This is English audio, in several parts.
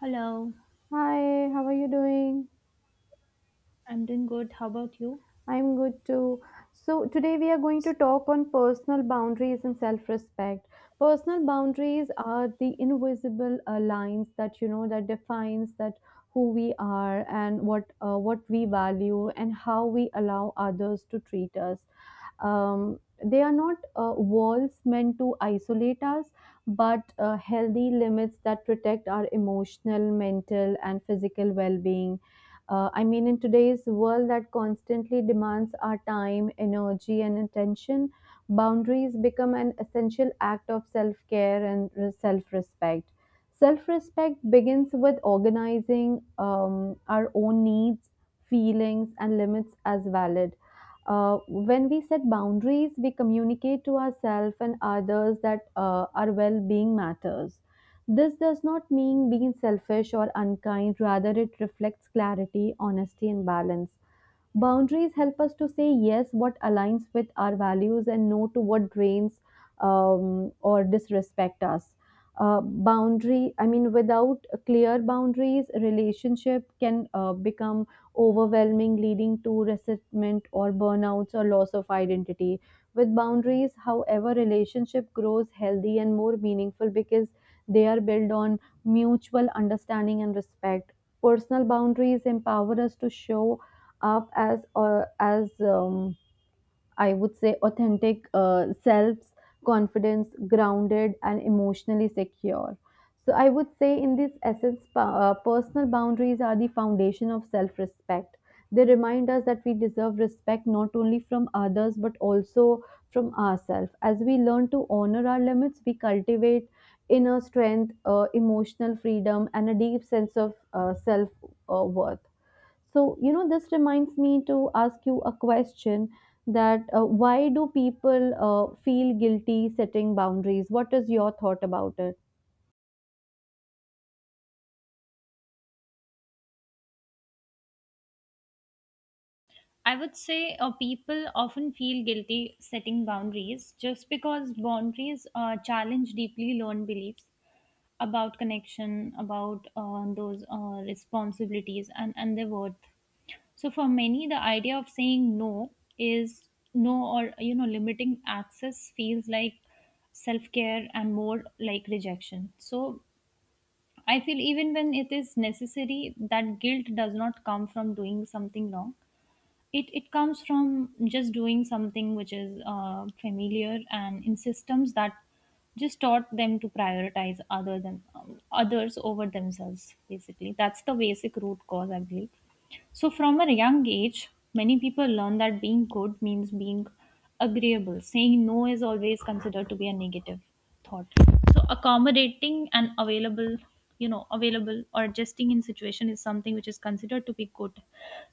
Hello, Hi, how are you doing? I'm doing good. How about you? I'm good too. So, today we are going to talk on personal boundaries and self-respect. Personal boundaries are the invisible lines that that defines that who we are and what we value and how we allow others to treat us. Um, they are not walls meant to isolate us, but healthy limits that protect our emotional, mental, and physical well-being. In today's world that constantly demands our time, energy, and attention, boundaries become an essential act of self care and self respect. Self respect begins with organizing our own needs, feelings, and limits as valid. When we set boundaries, we communicate to ourselves and others that our well being matters. This does not mean being selfish or unkind; rather, it reflects clarity, honesty, and balance. Boundaries help us to say yes what aligns with our values and no to what drains or disrespect us. Without clear boundaries, relationship can become overwhelming, leading to resentment or burnouts or loss of identity. With boundaries, however, relationship grows healthy and more meaningful because they are built on mutual understanding and respect. Personal boundaries empower us to show up as I would say authentic selves, confidence, grounded, and emotionally secure. So I would say in this essence, personal boundaries are the foundation of self-respect. They remind us that we deserve respect not only from others but also from ourselves. As we learn to honor our limits, we cultivate inner strength, emotional freedom, and a deep sense of self-worth. So, you know, this reminds me to ask you a question that why do people feel guilty setting boundaries? What is your thought about it? I would say people often feel guilty setting boundaries just because boundaries challenge deeply learned beliefs about connection, about those responsibilities, and their worth. So, for many, the idea of saying no is no or limiting access feels like self care and more like rejection. So, I feel even when it is necessary, that guilt does not come from doing something wrong. It comes from just doing something which is familiar and in systems that just taught them to prioritize other than others over themselves. Basically, that's the basic root cause, I believe. So, from a young age, many people learn that being good means being agreeable. Saying no is always considered to be a negative thought. So, accommodating and available, you know, available or adjusting in situation is something which is considered to be good.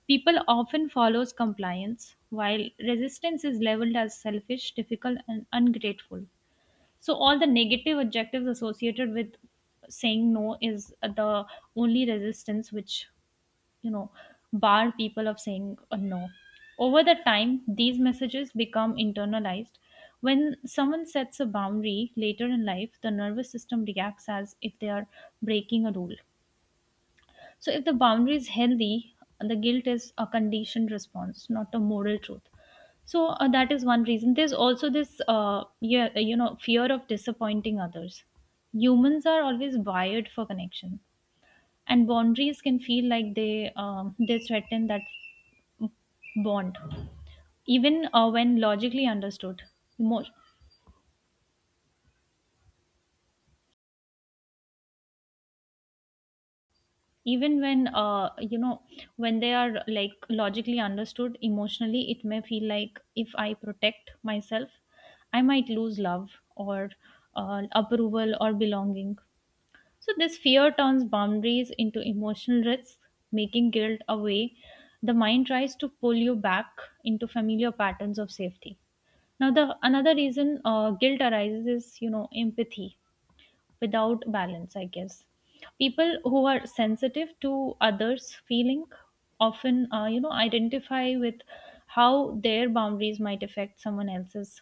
People often follows compliance, while resistance is leveled as selfish, difficult, and ungrateful. So, all the negative adjectives associated with saying no is the only resistance which, you know, bar people of saying a no. Over the time, these messages become internalized. When someone sets a boundary later in life, the nervous system reacts as if they are breaking a rule. So, if the boundary is healthy, the guilt is a conditioned response, not a moral truth. So that is one reason. There's also this, yeah, you know, fear of disappointing others. Humans are always wired for connection, and boundaries can feel like they threaten that bond even when logically understood emo- even when you know when they are like logically understood emotionally, it may feel like if I protect myself, I might lose love or approval or belonging. So this fear turns boundaries into emotional risks, making guilt a way the mind tries to pull you back into familiar patterns of safety. Now the another reason guilt arises is, you know, empathy without balance, I guess. People who are sensitive to others' feeling often, you know, identify with how their boundaries might affect someone else's.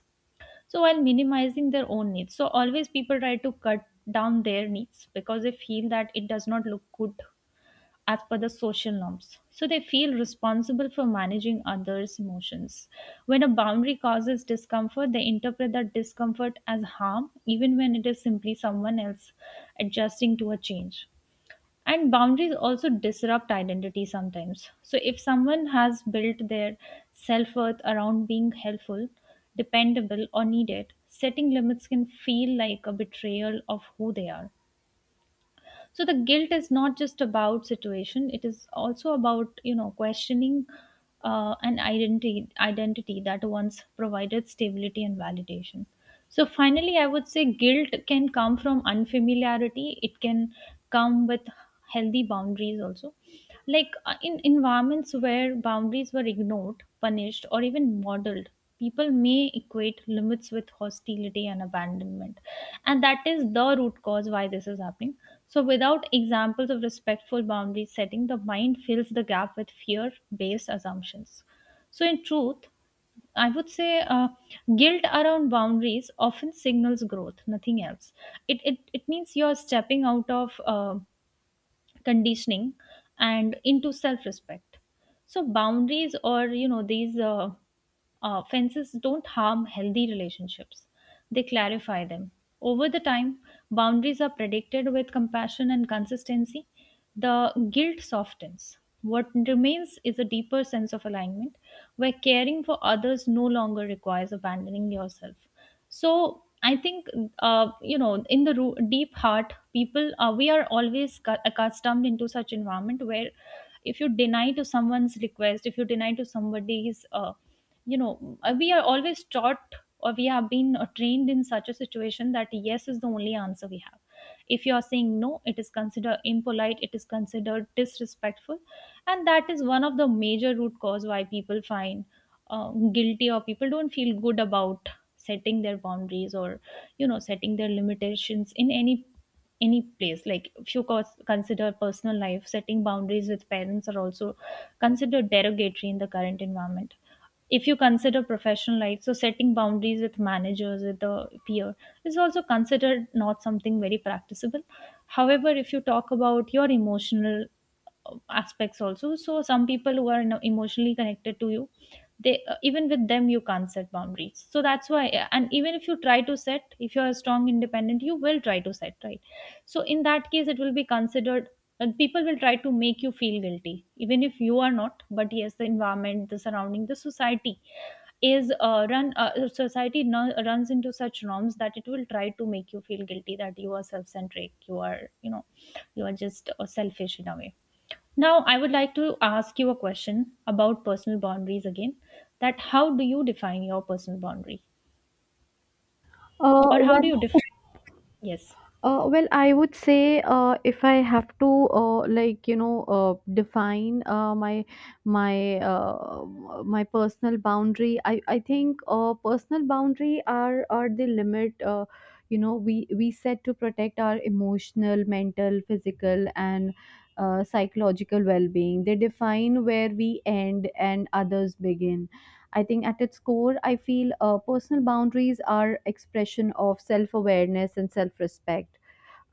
So while minimizing their own needs, so always people try to cut down their needs because they feel that it does not look good as per the social norms. So they feel responsible for managing others' emotions. When a boundary causes discomfort, they interpret that discomfort as harm, even when it is simply someone else adjusting to a change. And boundaries also disrupt identity sometimes. So if someone has built their self worth around being helpful, dependable, or needed, setting limits can feel like a betrayal of who they are. So the guilt is not just about situation, it is also about, you know, questioning an identity that once provided stability and validation. So finally I would say guilt can come from unfamiliarity. It can come with healthy boundaries also, like in environments where boundaries were ignored, punished, or even modeled, people may equate limits with hostility and abandonment. And that is the root cause why this is happening. So without examples of respectful boundary setting, the mind fills the gap with fear based assumptions. So in truth, I would say guilt around boundaries often signals growth, nothing else. It means you're stepping out of conditioning and into self-respect. So boundaries, or you know these fences don't harm healthy relationships, they clarify them. Over the time, boundaries are predicted with compassion and consistency, the guilt softens. What remains is a deeper sense of alignment where caring for others no longer requires abandoning yourself. So I think, you know, in the deep heart, people we are always accustomed into such environment where if you deny to someone's request, if you deny to somebody's you know, we are always taught, or we have been trained in such a situation that yes is the only answer we have. If you are saying no, it is considered impolite, it is considered disrespectful, and that is one of the major root cause why people find guilty, or people don't feel good about setting their boundaries, or you know, setting their limitations in any place. Like if you consider personal life, setting boundaries with parents are also considered derogatory in the current environment. If you consider professional life, so setting boundaries with managers, with the peer, is also considered not something very practicable. However, if you talk about your emotional aspects also, so some people who are emotionally connected to you, they even with them you can't set boundaries. So that's why. And even if you try to set, if you're strong, independent, you will try to set, right? So in that case it will be considered, and people will try to make you feel guilty even if you are not. But yes, the environment, the surrounding, the society is run society, no, runs into such norms that it will try to make you feel guilty that you are self-centric, you are, you know, you are just selfish in a way. Now, I would like to ask you a question about personal boundaries again. That how do you define your personal boundary, Uh, or how well, do you define? Yes. well, I would say if I have to define my my my personal boundary, I think personal boundary are the limit, we set to protect our emotional, mental, physical, and psychological well-being. They define where we end and others begin. I think at its core, I feel personal boundaries are expression of self-awareness and self-respect.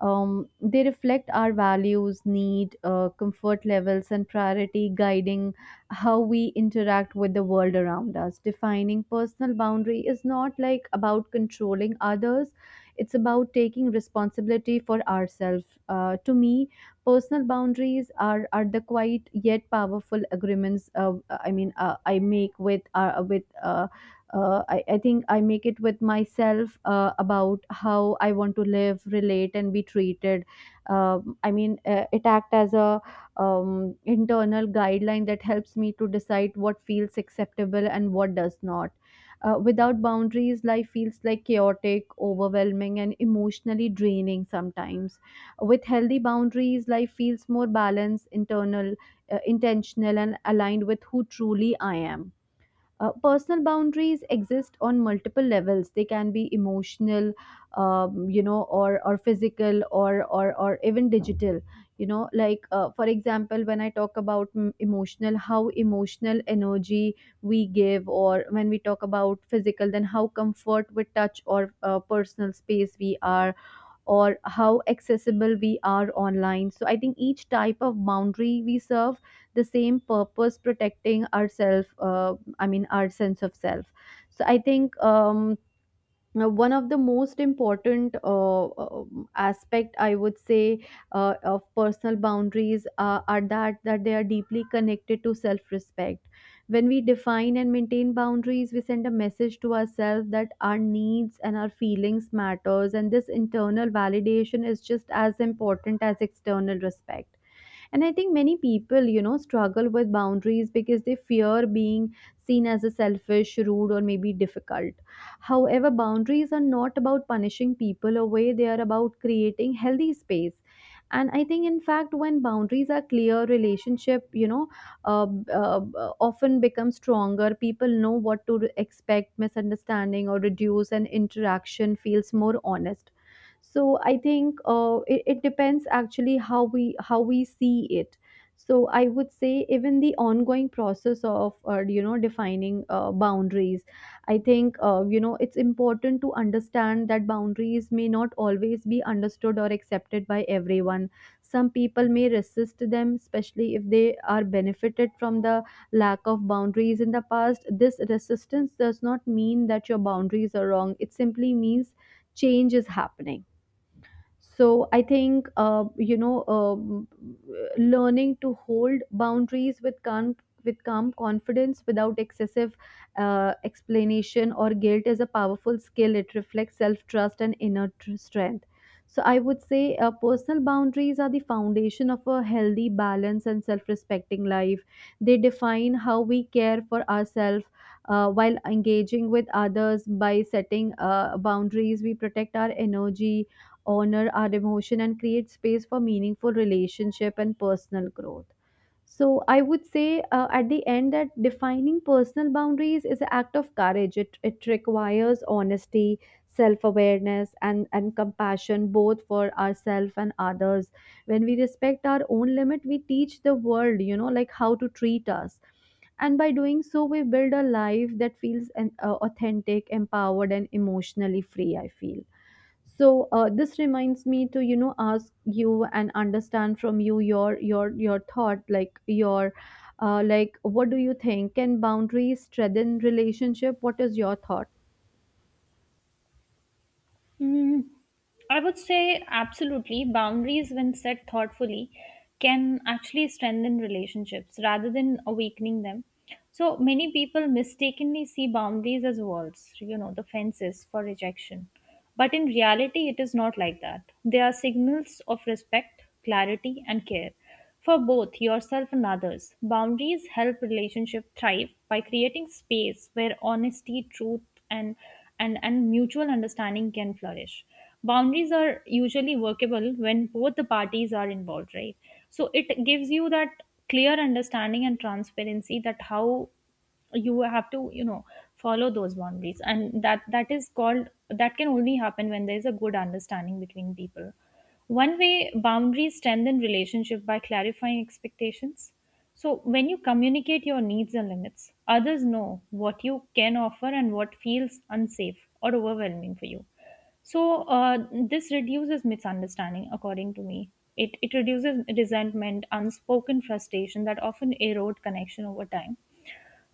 They reflect our values, need, comfort levels, and priority, guiding how we interact with the world around us. Defining personal boundary is not like about controlling others; it's about taking responsibility for ourselves. To me, personal boundaries are the quiet yet powerful agreements. I mean, I make with I think I make it with myself about how I want to live, relate, and be treated. It act as a internal guideline that helps me to decide what feels acceptable and what does not. Without boundaries, life feels like chaotic, overwhelming, and emotionally draining sometimes. With healthy boundaries, life feels more balanced, internal, intentional, and aligned with who truly I am. Personal boundaries exist on multiple levels. They can be emotional, or physical, or even digital. You know, like for example, when I talk about emotional, how emotional energy we give, or when we talk about physical, then how comfort with touch or personal space we are or how accessible we are online. So I think each type of boundary we serve the same purpose protecting ourselves, our sense of self. So I think now, one of the most important aspect I would say of personal boundaries are that they are deeply connected to self respect. When we define and maintain boundaries, we send a message to ourselves that our needs and our feelings matters, and this internal validation is just as important as external respect. And I think many people, you know, struggle with boundaries because they fear being seen as a selfish, rude, or maybe difficult. However, boundaries are not about punishing people away; they are about creating healthy space. And I think in fact, when boundaries are clear, relationship, you know, uh, uh, often become stronger. People know what to expect, misunderstanding or reduce, and interaction feels more honest. So I think it depends actually how we see it. So I would say even the ongoing process of defining boundaries, I think it's important to understand that boundaries may not always be understood or accepted by everyone. Some people may resist them, especially if they are benefited from the lack of boundaries in the past. This resistance does not mean that your boundaries are wrong; it simply means change is happening. So I think learning to hold boundaries with calm, confidence without excessive explanation or guilt is a powerful skill. It reflects self trust and inner strength. So I would say personal boundaries are the foundation of a healthy, balanced, and self respecting life. They define how we care for ourselves while engaging with others. By setting boundaries, we protect our energy, honor our emotion, and create space for meaningful relationship and personal growth. So I would say at the end that defining personal boundaries is an act of courage. It requires honesty, self-awareness, and compassion both for ourselves and others. When we respect our own limit, we teach the world, you know, like how to treat us, and by doing so we build a life that feels authentic, empowered, and emotionally free, I feel. So this reminds me to, you know, ask you and understand from you your thought, like your like what do you think: can boundaries strengthen relationship? What is your thought? Mm, I would say absolutely. Boundaries, when set thoughtfully, can actually strengthen relationships rather than awakening them. So many people mistakenly see boundaries as walls, you know, the fences for rejection. But in reality, it is not like that. They are signals of respect, clarity, and care. For both yourself and others, boundaries help relationship thrive by creating space where honesty, truth, and, and mutual understanding can flourish. Boundaries are usually workable when both the parties are involved, right? So it gives you that clear understanding and transparency that how you have to, you know, follow those boundaries, and that that is called that can only happen when there is a good understanding between people. One way boundaries strengthen relationship by clarifying expectations. So when you communicate your needs and limits, others know what you can offer and what feels unsafe or overwhelming for you. So this reduces misunderstanding, according to me. It reduces resentment, unspoken frustration that often erode connection over time.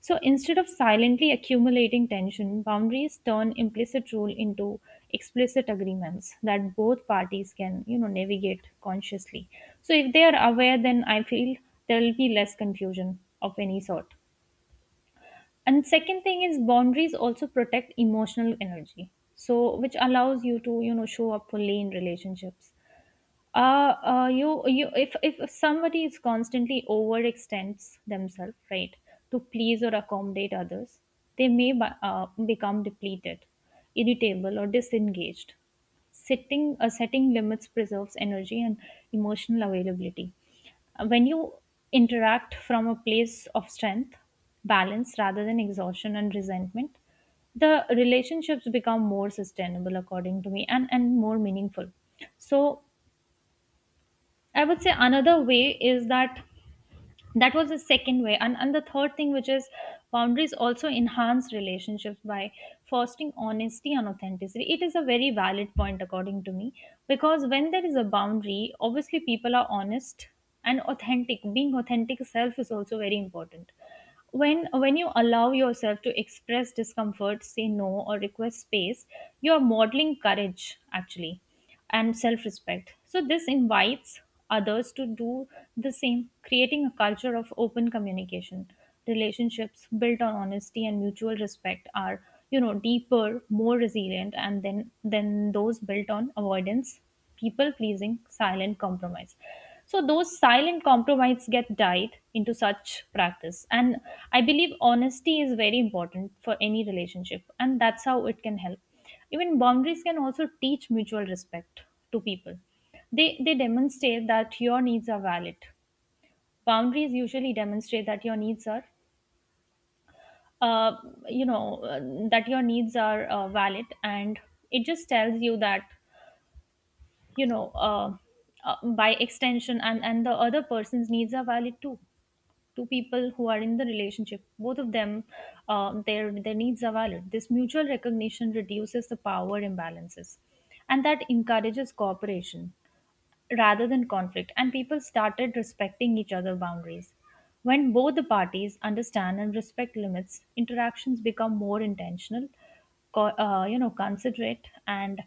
So instead of silently accumulating tension, boundaries turn implicit rule into explicit agreements that both parties can, you know, navigate consciously. So if they are aware, then I feel there will be less confusion of any sort. And second thing is boundaries also protect emotional energy, so which allows you to, you know, show up fully in relationships. You you If somebody is constantly overextends themselves, right, to please or accommodate others, they may become depleted, irritable, or disengaged. Setting limits preserves energy and emotional availability. When you interact from a place of strength, balance rather than exhaustion and resentment, the relationships become more sustainable, according to me, and more meaningful. So I would say another way is that that was the second way. And the third thing, which is boundaries also enhance relationships by fostering honesty and authenticity. It is a very valid point, according to me, because when there is a boundary, obviously people are honest and authentic. Being authentic self is also very important. When you allow yourself to express discomfort, say no, or request space, you are modeling courage, actually, and self respect. So, this invites others to do the same, creating a culture of open communication. Relationships built on honesty and mutual respect are, you know, deeper, more resilient, and then than those built on avoidance, people pleasing, silent compromise. So those silent compromise get died into such practice, and I believe honesty is very important for any relationship, and that's how it can help even boundaries can also teach mutual respect to people. They demonstrate that your needs are valid. Boundaries usually demonstrate that your needs are uh, you know uh, that your needs are valid, and it just tells you that you know uh, by extension, and the other person's needs are valid too. Two people who are in the relationship, both of them, their needs are valid. This mutual recognition reduces the power imbalances and that encourages cooperation rather than conflict, and people started respecting each other's boundaries. When both the parties understand and respect limits, interactions become more intentional, considerate, and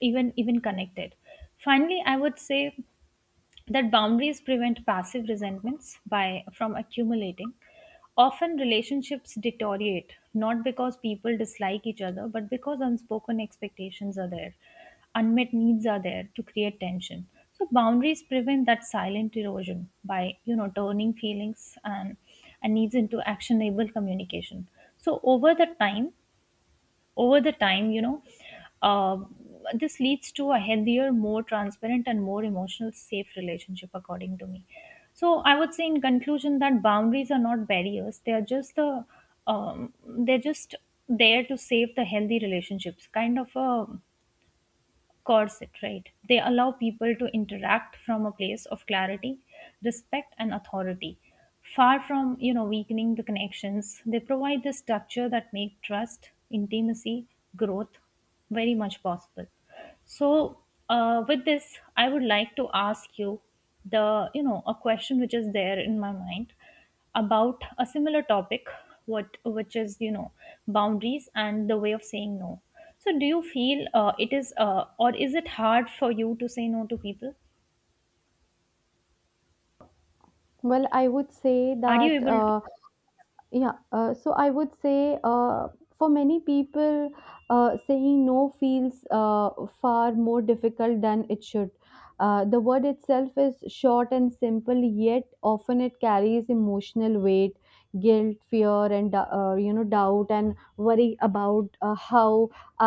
even connected. Finally, I would say that boundaries prevent passive resentments by from accumulating. Often relationships deteriorate not because people dislike each other, but because unspoken expectations are there, unmet needs are there to create tension. So boundaries prevent that silent erosion by turning feelings and needs into actionable communication. so over the time Over the time, uh, this leads to a healthier, more transparent, and more emotional safe relationship, according to me. So I would say, in conclusion, that boundaries are not barriers, they are just the they're just there to save the healthy relationships, kind of a corset, right? They allow people to interact from a place of clarity, respect, and authority. Far from weakening the connections, they provide the structure that make trust, intimacy, growth very much possible. So, with this, I would like to ask you the you know a question which is there in my mind about a similar topic, what which is, boundaries and the way of saying no. So do you feel it is or is it hard for you to say no to people, Well, I would say are you that. able to? Yeah, so I would say for many people, saying no feels far more difficult than it should. The word itself is short and simple, yet often it carries emotional weight, guilt, fear, and doubt and worry about how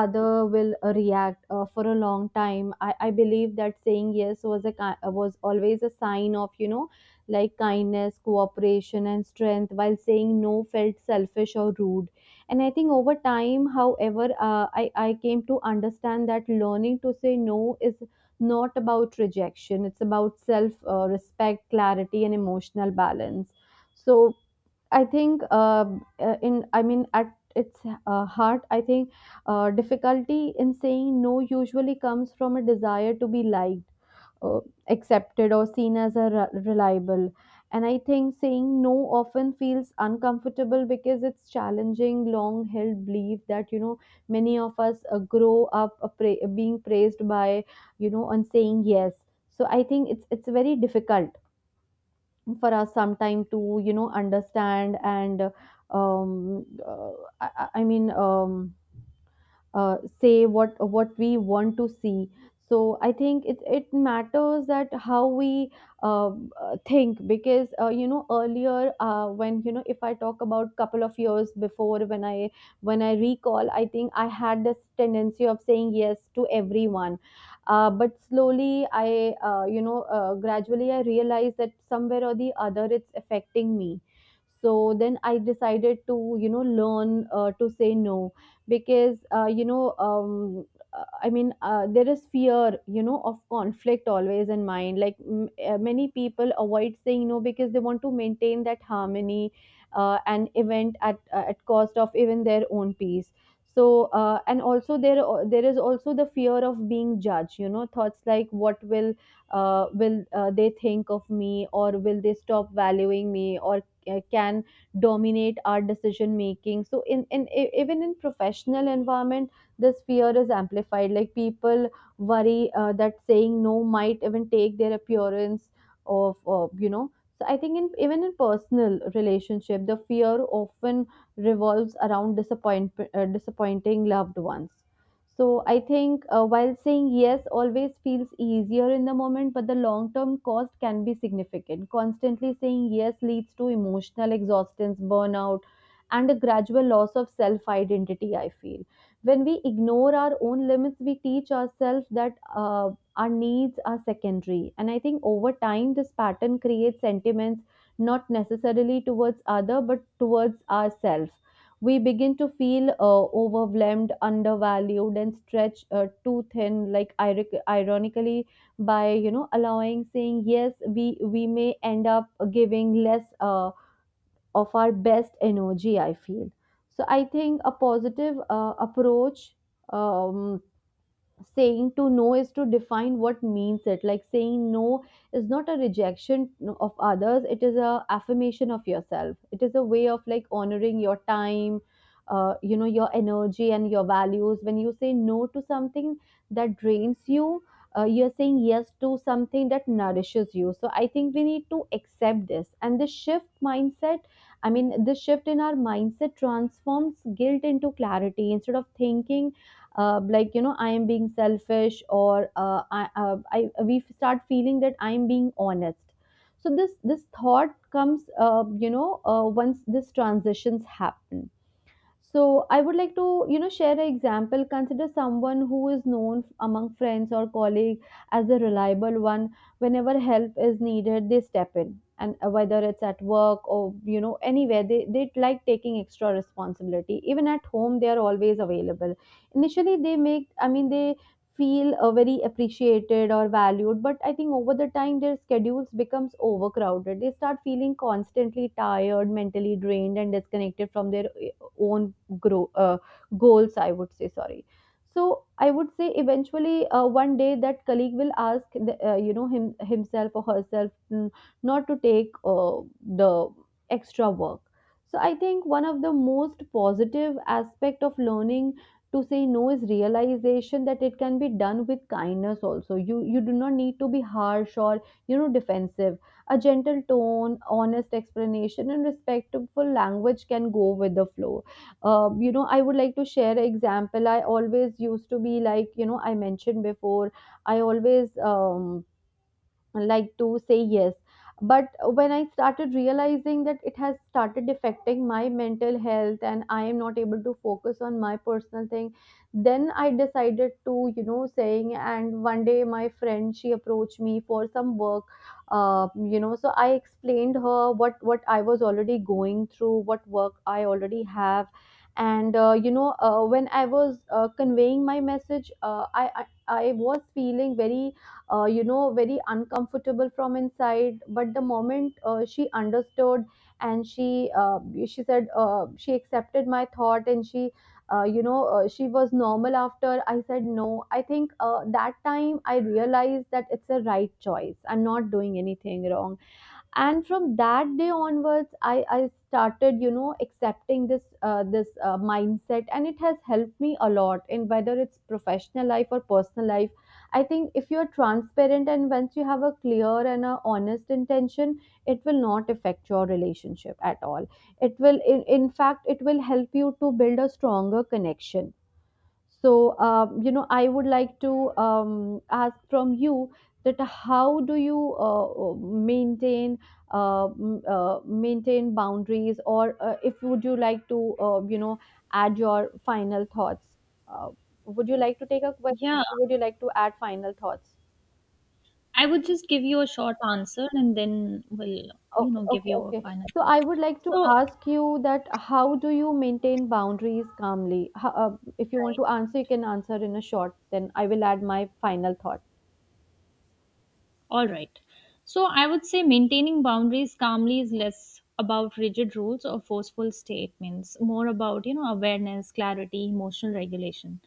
other will react. For a long time, I believe that saying yes was was always a sign of, you know, like kindness, cooperation, and strength, while saying no felt selfish or rude. And I think over time, however, I came to understand that learning to say no is not about rejection; it's about self respect, clarity, and emotional balance. So I think, at its heart, I think difficulty in saying no usually comes from a desire to be liked, uh, accepted, or seen as a reliable. And I think saying no often feels uncomfortable because it's challenging long held belief that, you know, many of us grow up being praised by, you know, on saying yes. So I think it's very difficult for us sometime to, you know, understand and um uh, I mean say what we want to see. So I think it matters that how we think. Because earlier, when you know if I talk about couple of years before, when I recall, I think I had this tendency of saying yes to everyone. But slowly I, gradually I realized that somewhere or the other it's affecting me. So then I decided to, you know, learn to say no. Because there is fear, you know, of conflict always in mind. Like many people avoid saying no because they want to maintain that harmony, and event at cost of even their own peace. So and also there there is also the fear of being judged. You know, thoughts like what will they think of me, or will they stop valuing me, or can dominate our decision making. So even in professional environment, this fear is amplified. Like people worry that saying no might even take their appearance of, so I think in even in personal relationship, the fear often revolves around disappointing loved ones. So I think while saying yes always feels easier in the moment, but the long term cost can be significant. Constantly saying yes leads to emotional exhaustion, burnout, and a gradual loss of self identity, I feel. When we ignore our own limits, we teach ourselves that our needs are secondary. And I think over time, this pattern creates sentiments not necessarily towards other but towards ourselves. We begin to feel overwhelmed, undervalued, and stretched too thin. Like ironically, by allowing saying yes, we may end up giving less of our best energy. I feel so. I think a positive approach. Um, Saying to no is to define what means it, like saying no is not a rejection of others. It is a affirmation of yourself. It is a way of like honoring your time, your energy and your values. When you say no to something that drains you, you're saying yes to something that nourishes you. So I think we need to accept this and the shift mindset. I mean, the shift in our mindset transforms guilt into clarity. Instead of thinking I am being selfish or I we start feeling that I am being honest. So this thought comes once this transitions happen. So I would like to, you know, share an example. Consider someone who is known among friends or colleagues as a reliable one. Whenever help is needed, they step in. And whether it's at work or, you know, anywhere, they like taking extra responsibility. Even at home, they are always available. Initially, they make, I mean, they feel very appreciated or valued. But I think over the time, their schedules becomes overcrowded. They start feeling constantly tired, mentally drained and disconnected from their own grow goals, I would say. Sorry. So I would say eventually one day that colleague will ask the, you know him himself or herself, not to take the extra work. So I think one of the most positive aspect of learning to say no is realization that it can be done with kindness also. You do not need to be harsh or, you know, defensive. A gentle tone, honest explanation and respectful language can go with the flow. I would like to share an example. I always used to be like, you know, I mentioned before, I always like to say yes. But when I started realizing that it has started affecting my mental health and I am not able to focus on my personal thing, then I decided to, you know, saying. And one day my friend, she approached me for some work. So I explained her what I was already going through, what work I already have. And when I was conveying my message, I was feeling very very uncomfortable from inside. But the moment she understood and she said, she accepted my thought and she, she was normal after I said no. I think that time I realized that it's a right choice, I'm not doing anything wrong. And from that day onwards, I started, you know, accepting this mindset, and it has helped me a lot in, whether it's professional life or personal life. I think if you're transparent and once you have a clear and a honest intention, it will not affect your relationship at all. It will in fact it will help you to build a stronger connection. So, I would like to ask from you that how do you maintain maintain boundaries, or if would you like to, add your final thoughts? Uh, would you like to take a question? Yeah, Would you like to add final thoughts? I would just give you a short answer and then we'll, you Okay, know, give okay, you a okay. final So I thought. would like to So, ask you that how do you maintain boundaries calmly? How, if you want right, to answer, you can answer in a short. Then I will add my final thought. all right. So, I would say maintaining boundaries calmly is less about rigid rules or forceful statements, more about, you know, awareness, clarity, emotional regulation.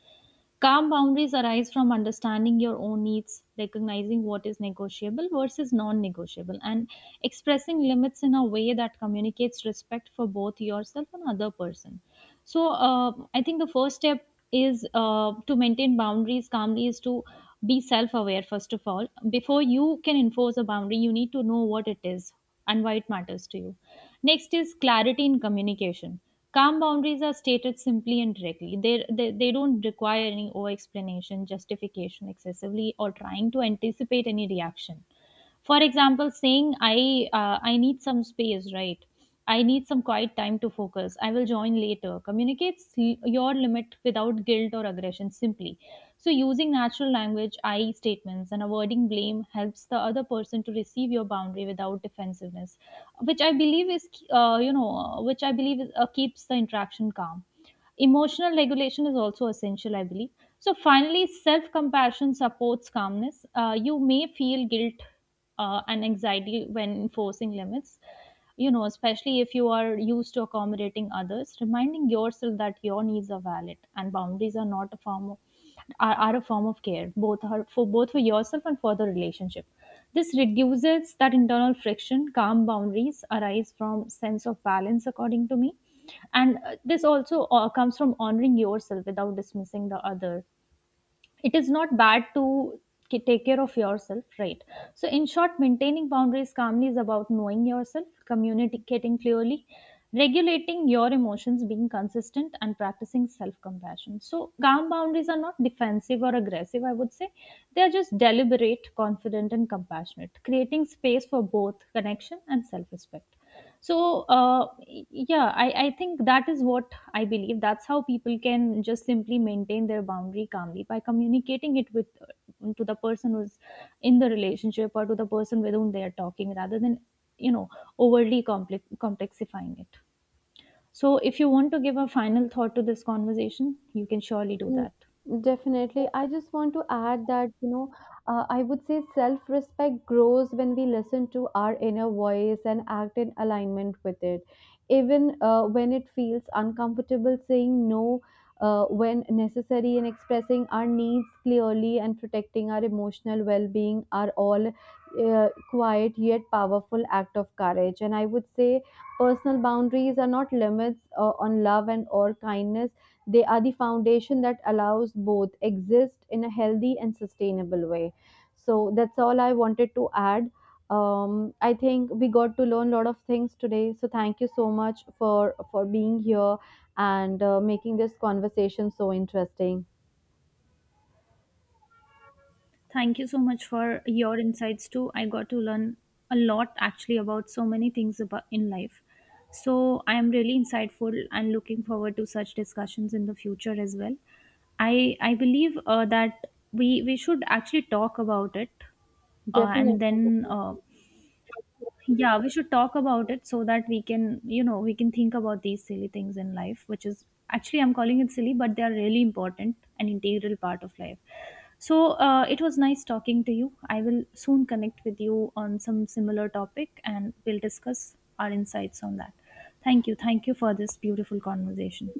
Calm boundaries arise from understanding your own needs, recognizing what is negotiable versus non negotiable, and expressing limits in a way that communicates respect for both yourself and other person. So, I think the first step is to maintain boundaries calmly is to be self aware, first of all. Before you can enforce a boundary, you need to know what it is and why it matters to you. Next is clarity in communication. Calm boundaries are stated simply and directly. They don't require any over explanation, justification excessively, or trying to anticipate any reaction. For example, saying, I need some space, right? I need some quiet time to focus. I will join later. Communicates your limit without guilt or aggression simply. So, using natural language, I statements, and avoiding blame helps the other person to receive your boundary without defensiveness, which I believe is, keeps the interaction calm. Emotional regulation is also essential, I believe. So finally, self compassion supports calmness. You may feel guilt and anxiety when enforcing limits. You know, especially if you are used to accommodating others, reminding yourself that your needs are valid and boundaries are not a form of are a form of care, both are, for both for yourself and for the relationship. This reduces that internal friction. Calm boundaries arise from sense of balance, according to me, and this also comes from honoring yourself without dismissing the other. It is not bad to take care of yourself, right? So in short, maintaining boundaries calmly is about knowing yourself, communicating clearly, regulating your emotions, being consistent, and practicing self compassion. So calm boundaries are not defensive or aggressive, I would say. They are just deliberate, confident, and compassionate, creating space for both connection and self respect. So yeah, I think that is what I believe, that's how people can just simply maintain their boundary calmly by communicating it with to the person who's in the relationship or to the person with whom they are talking, rather than, you know, overly complexifying it. So if you want to give a final thought to this conversation, you can surely do Mm. that. Definitely. I just want to add that, you know, I would say self respect grows when we listen to our inner voice and act in alignment with it. Even when it feels uncomfortable, saying no when necessary and expressing our needs clearly and protecting our emotional well being are all quiet yet powerful act of courage. And I would say personal boundaries are not limits on love and or kindness. They are the foundation that allows both exist in a healthy and sustainable way. So that's all I wanted to add. I think we got to learn a lot of things today. So thank you so much for being here and making this conversation so interesting. Thank you so much for your insights too. I got to learn a lot actually about so many things about in life. So I am really insightful and looking forward to such discussions in the future as well. I believe that we should actually talk about it, and Definitely. then uh, yeah, we should talk about it so that we can, you know, we can think about these silly things in life, which is actually I'm calling it silly, but they are really important and integral part of life. So it was nice talking to you. I will soon connect with you on some similar topic and we'll discuss our insights on that. Thank you. Thank you for this beautiful conversation.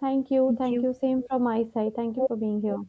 Thank you. Thank Thank you. you. Same from my side. Thank you for being here.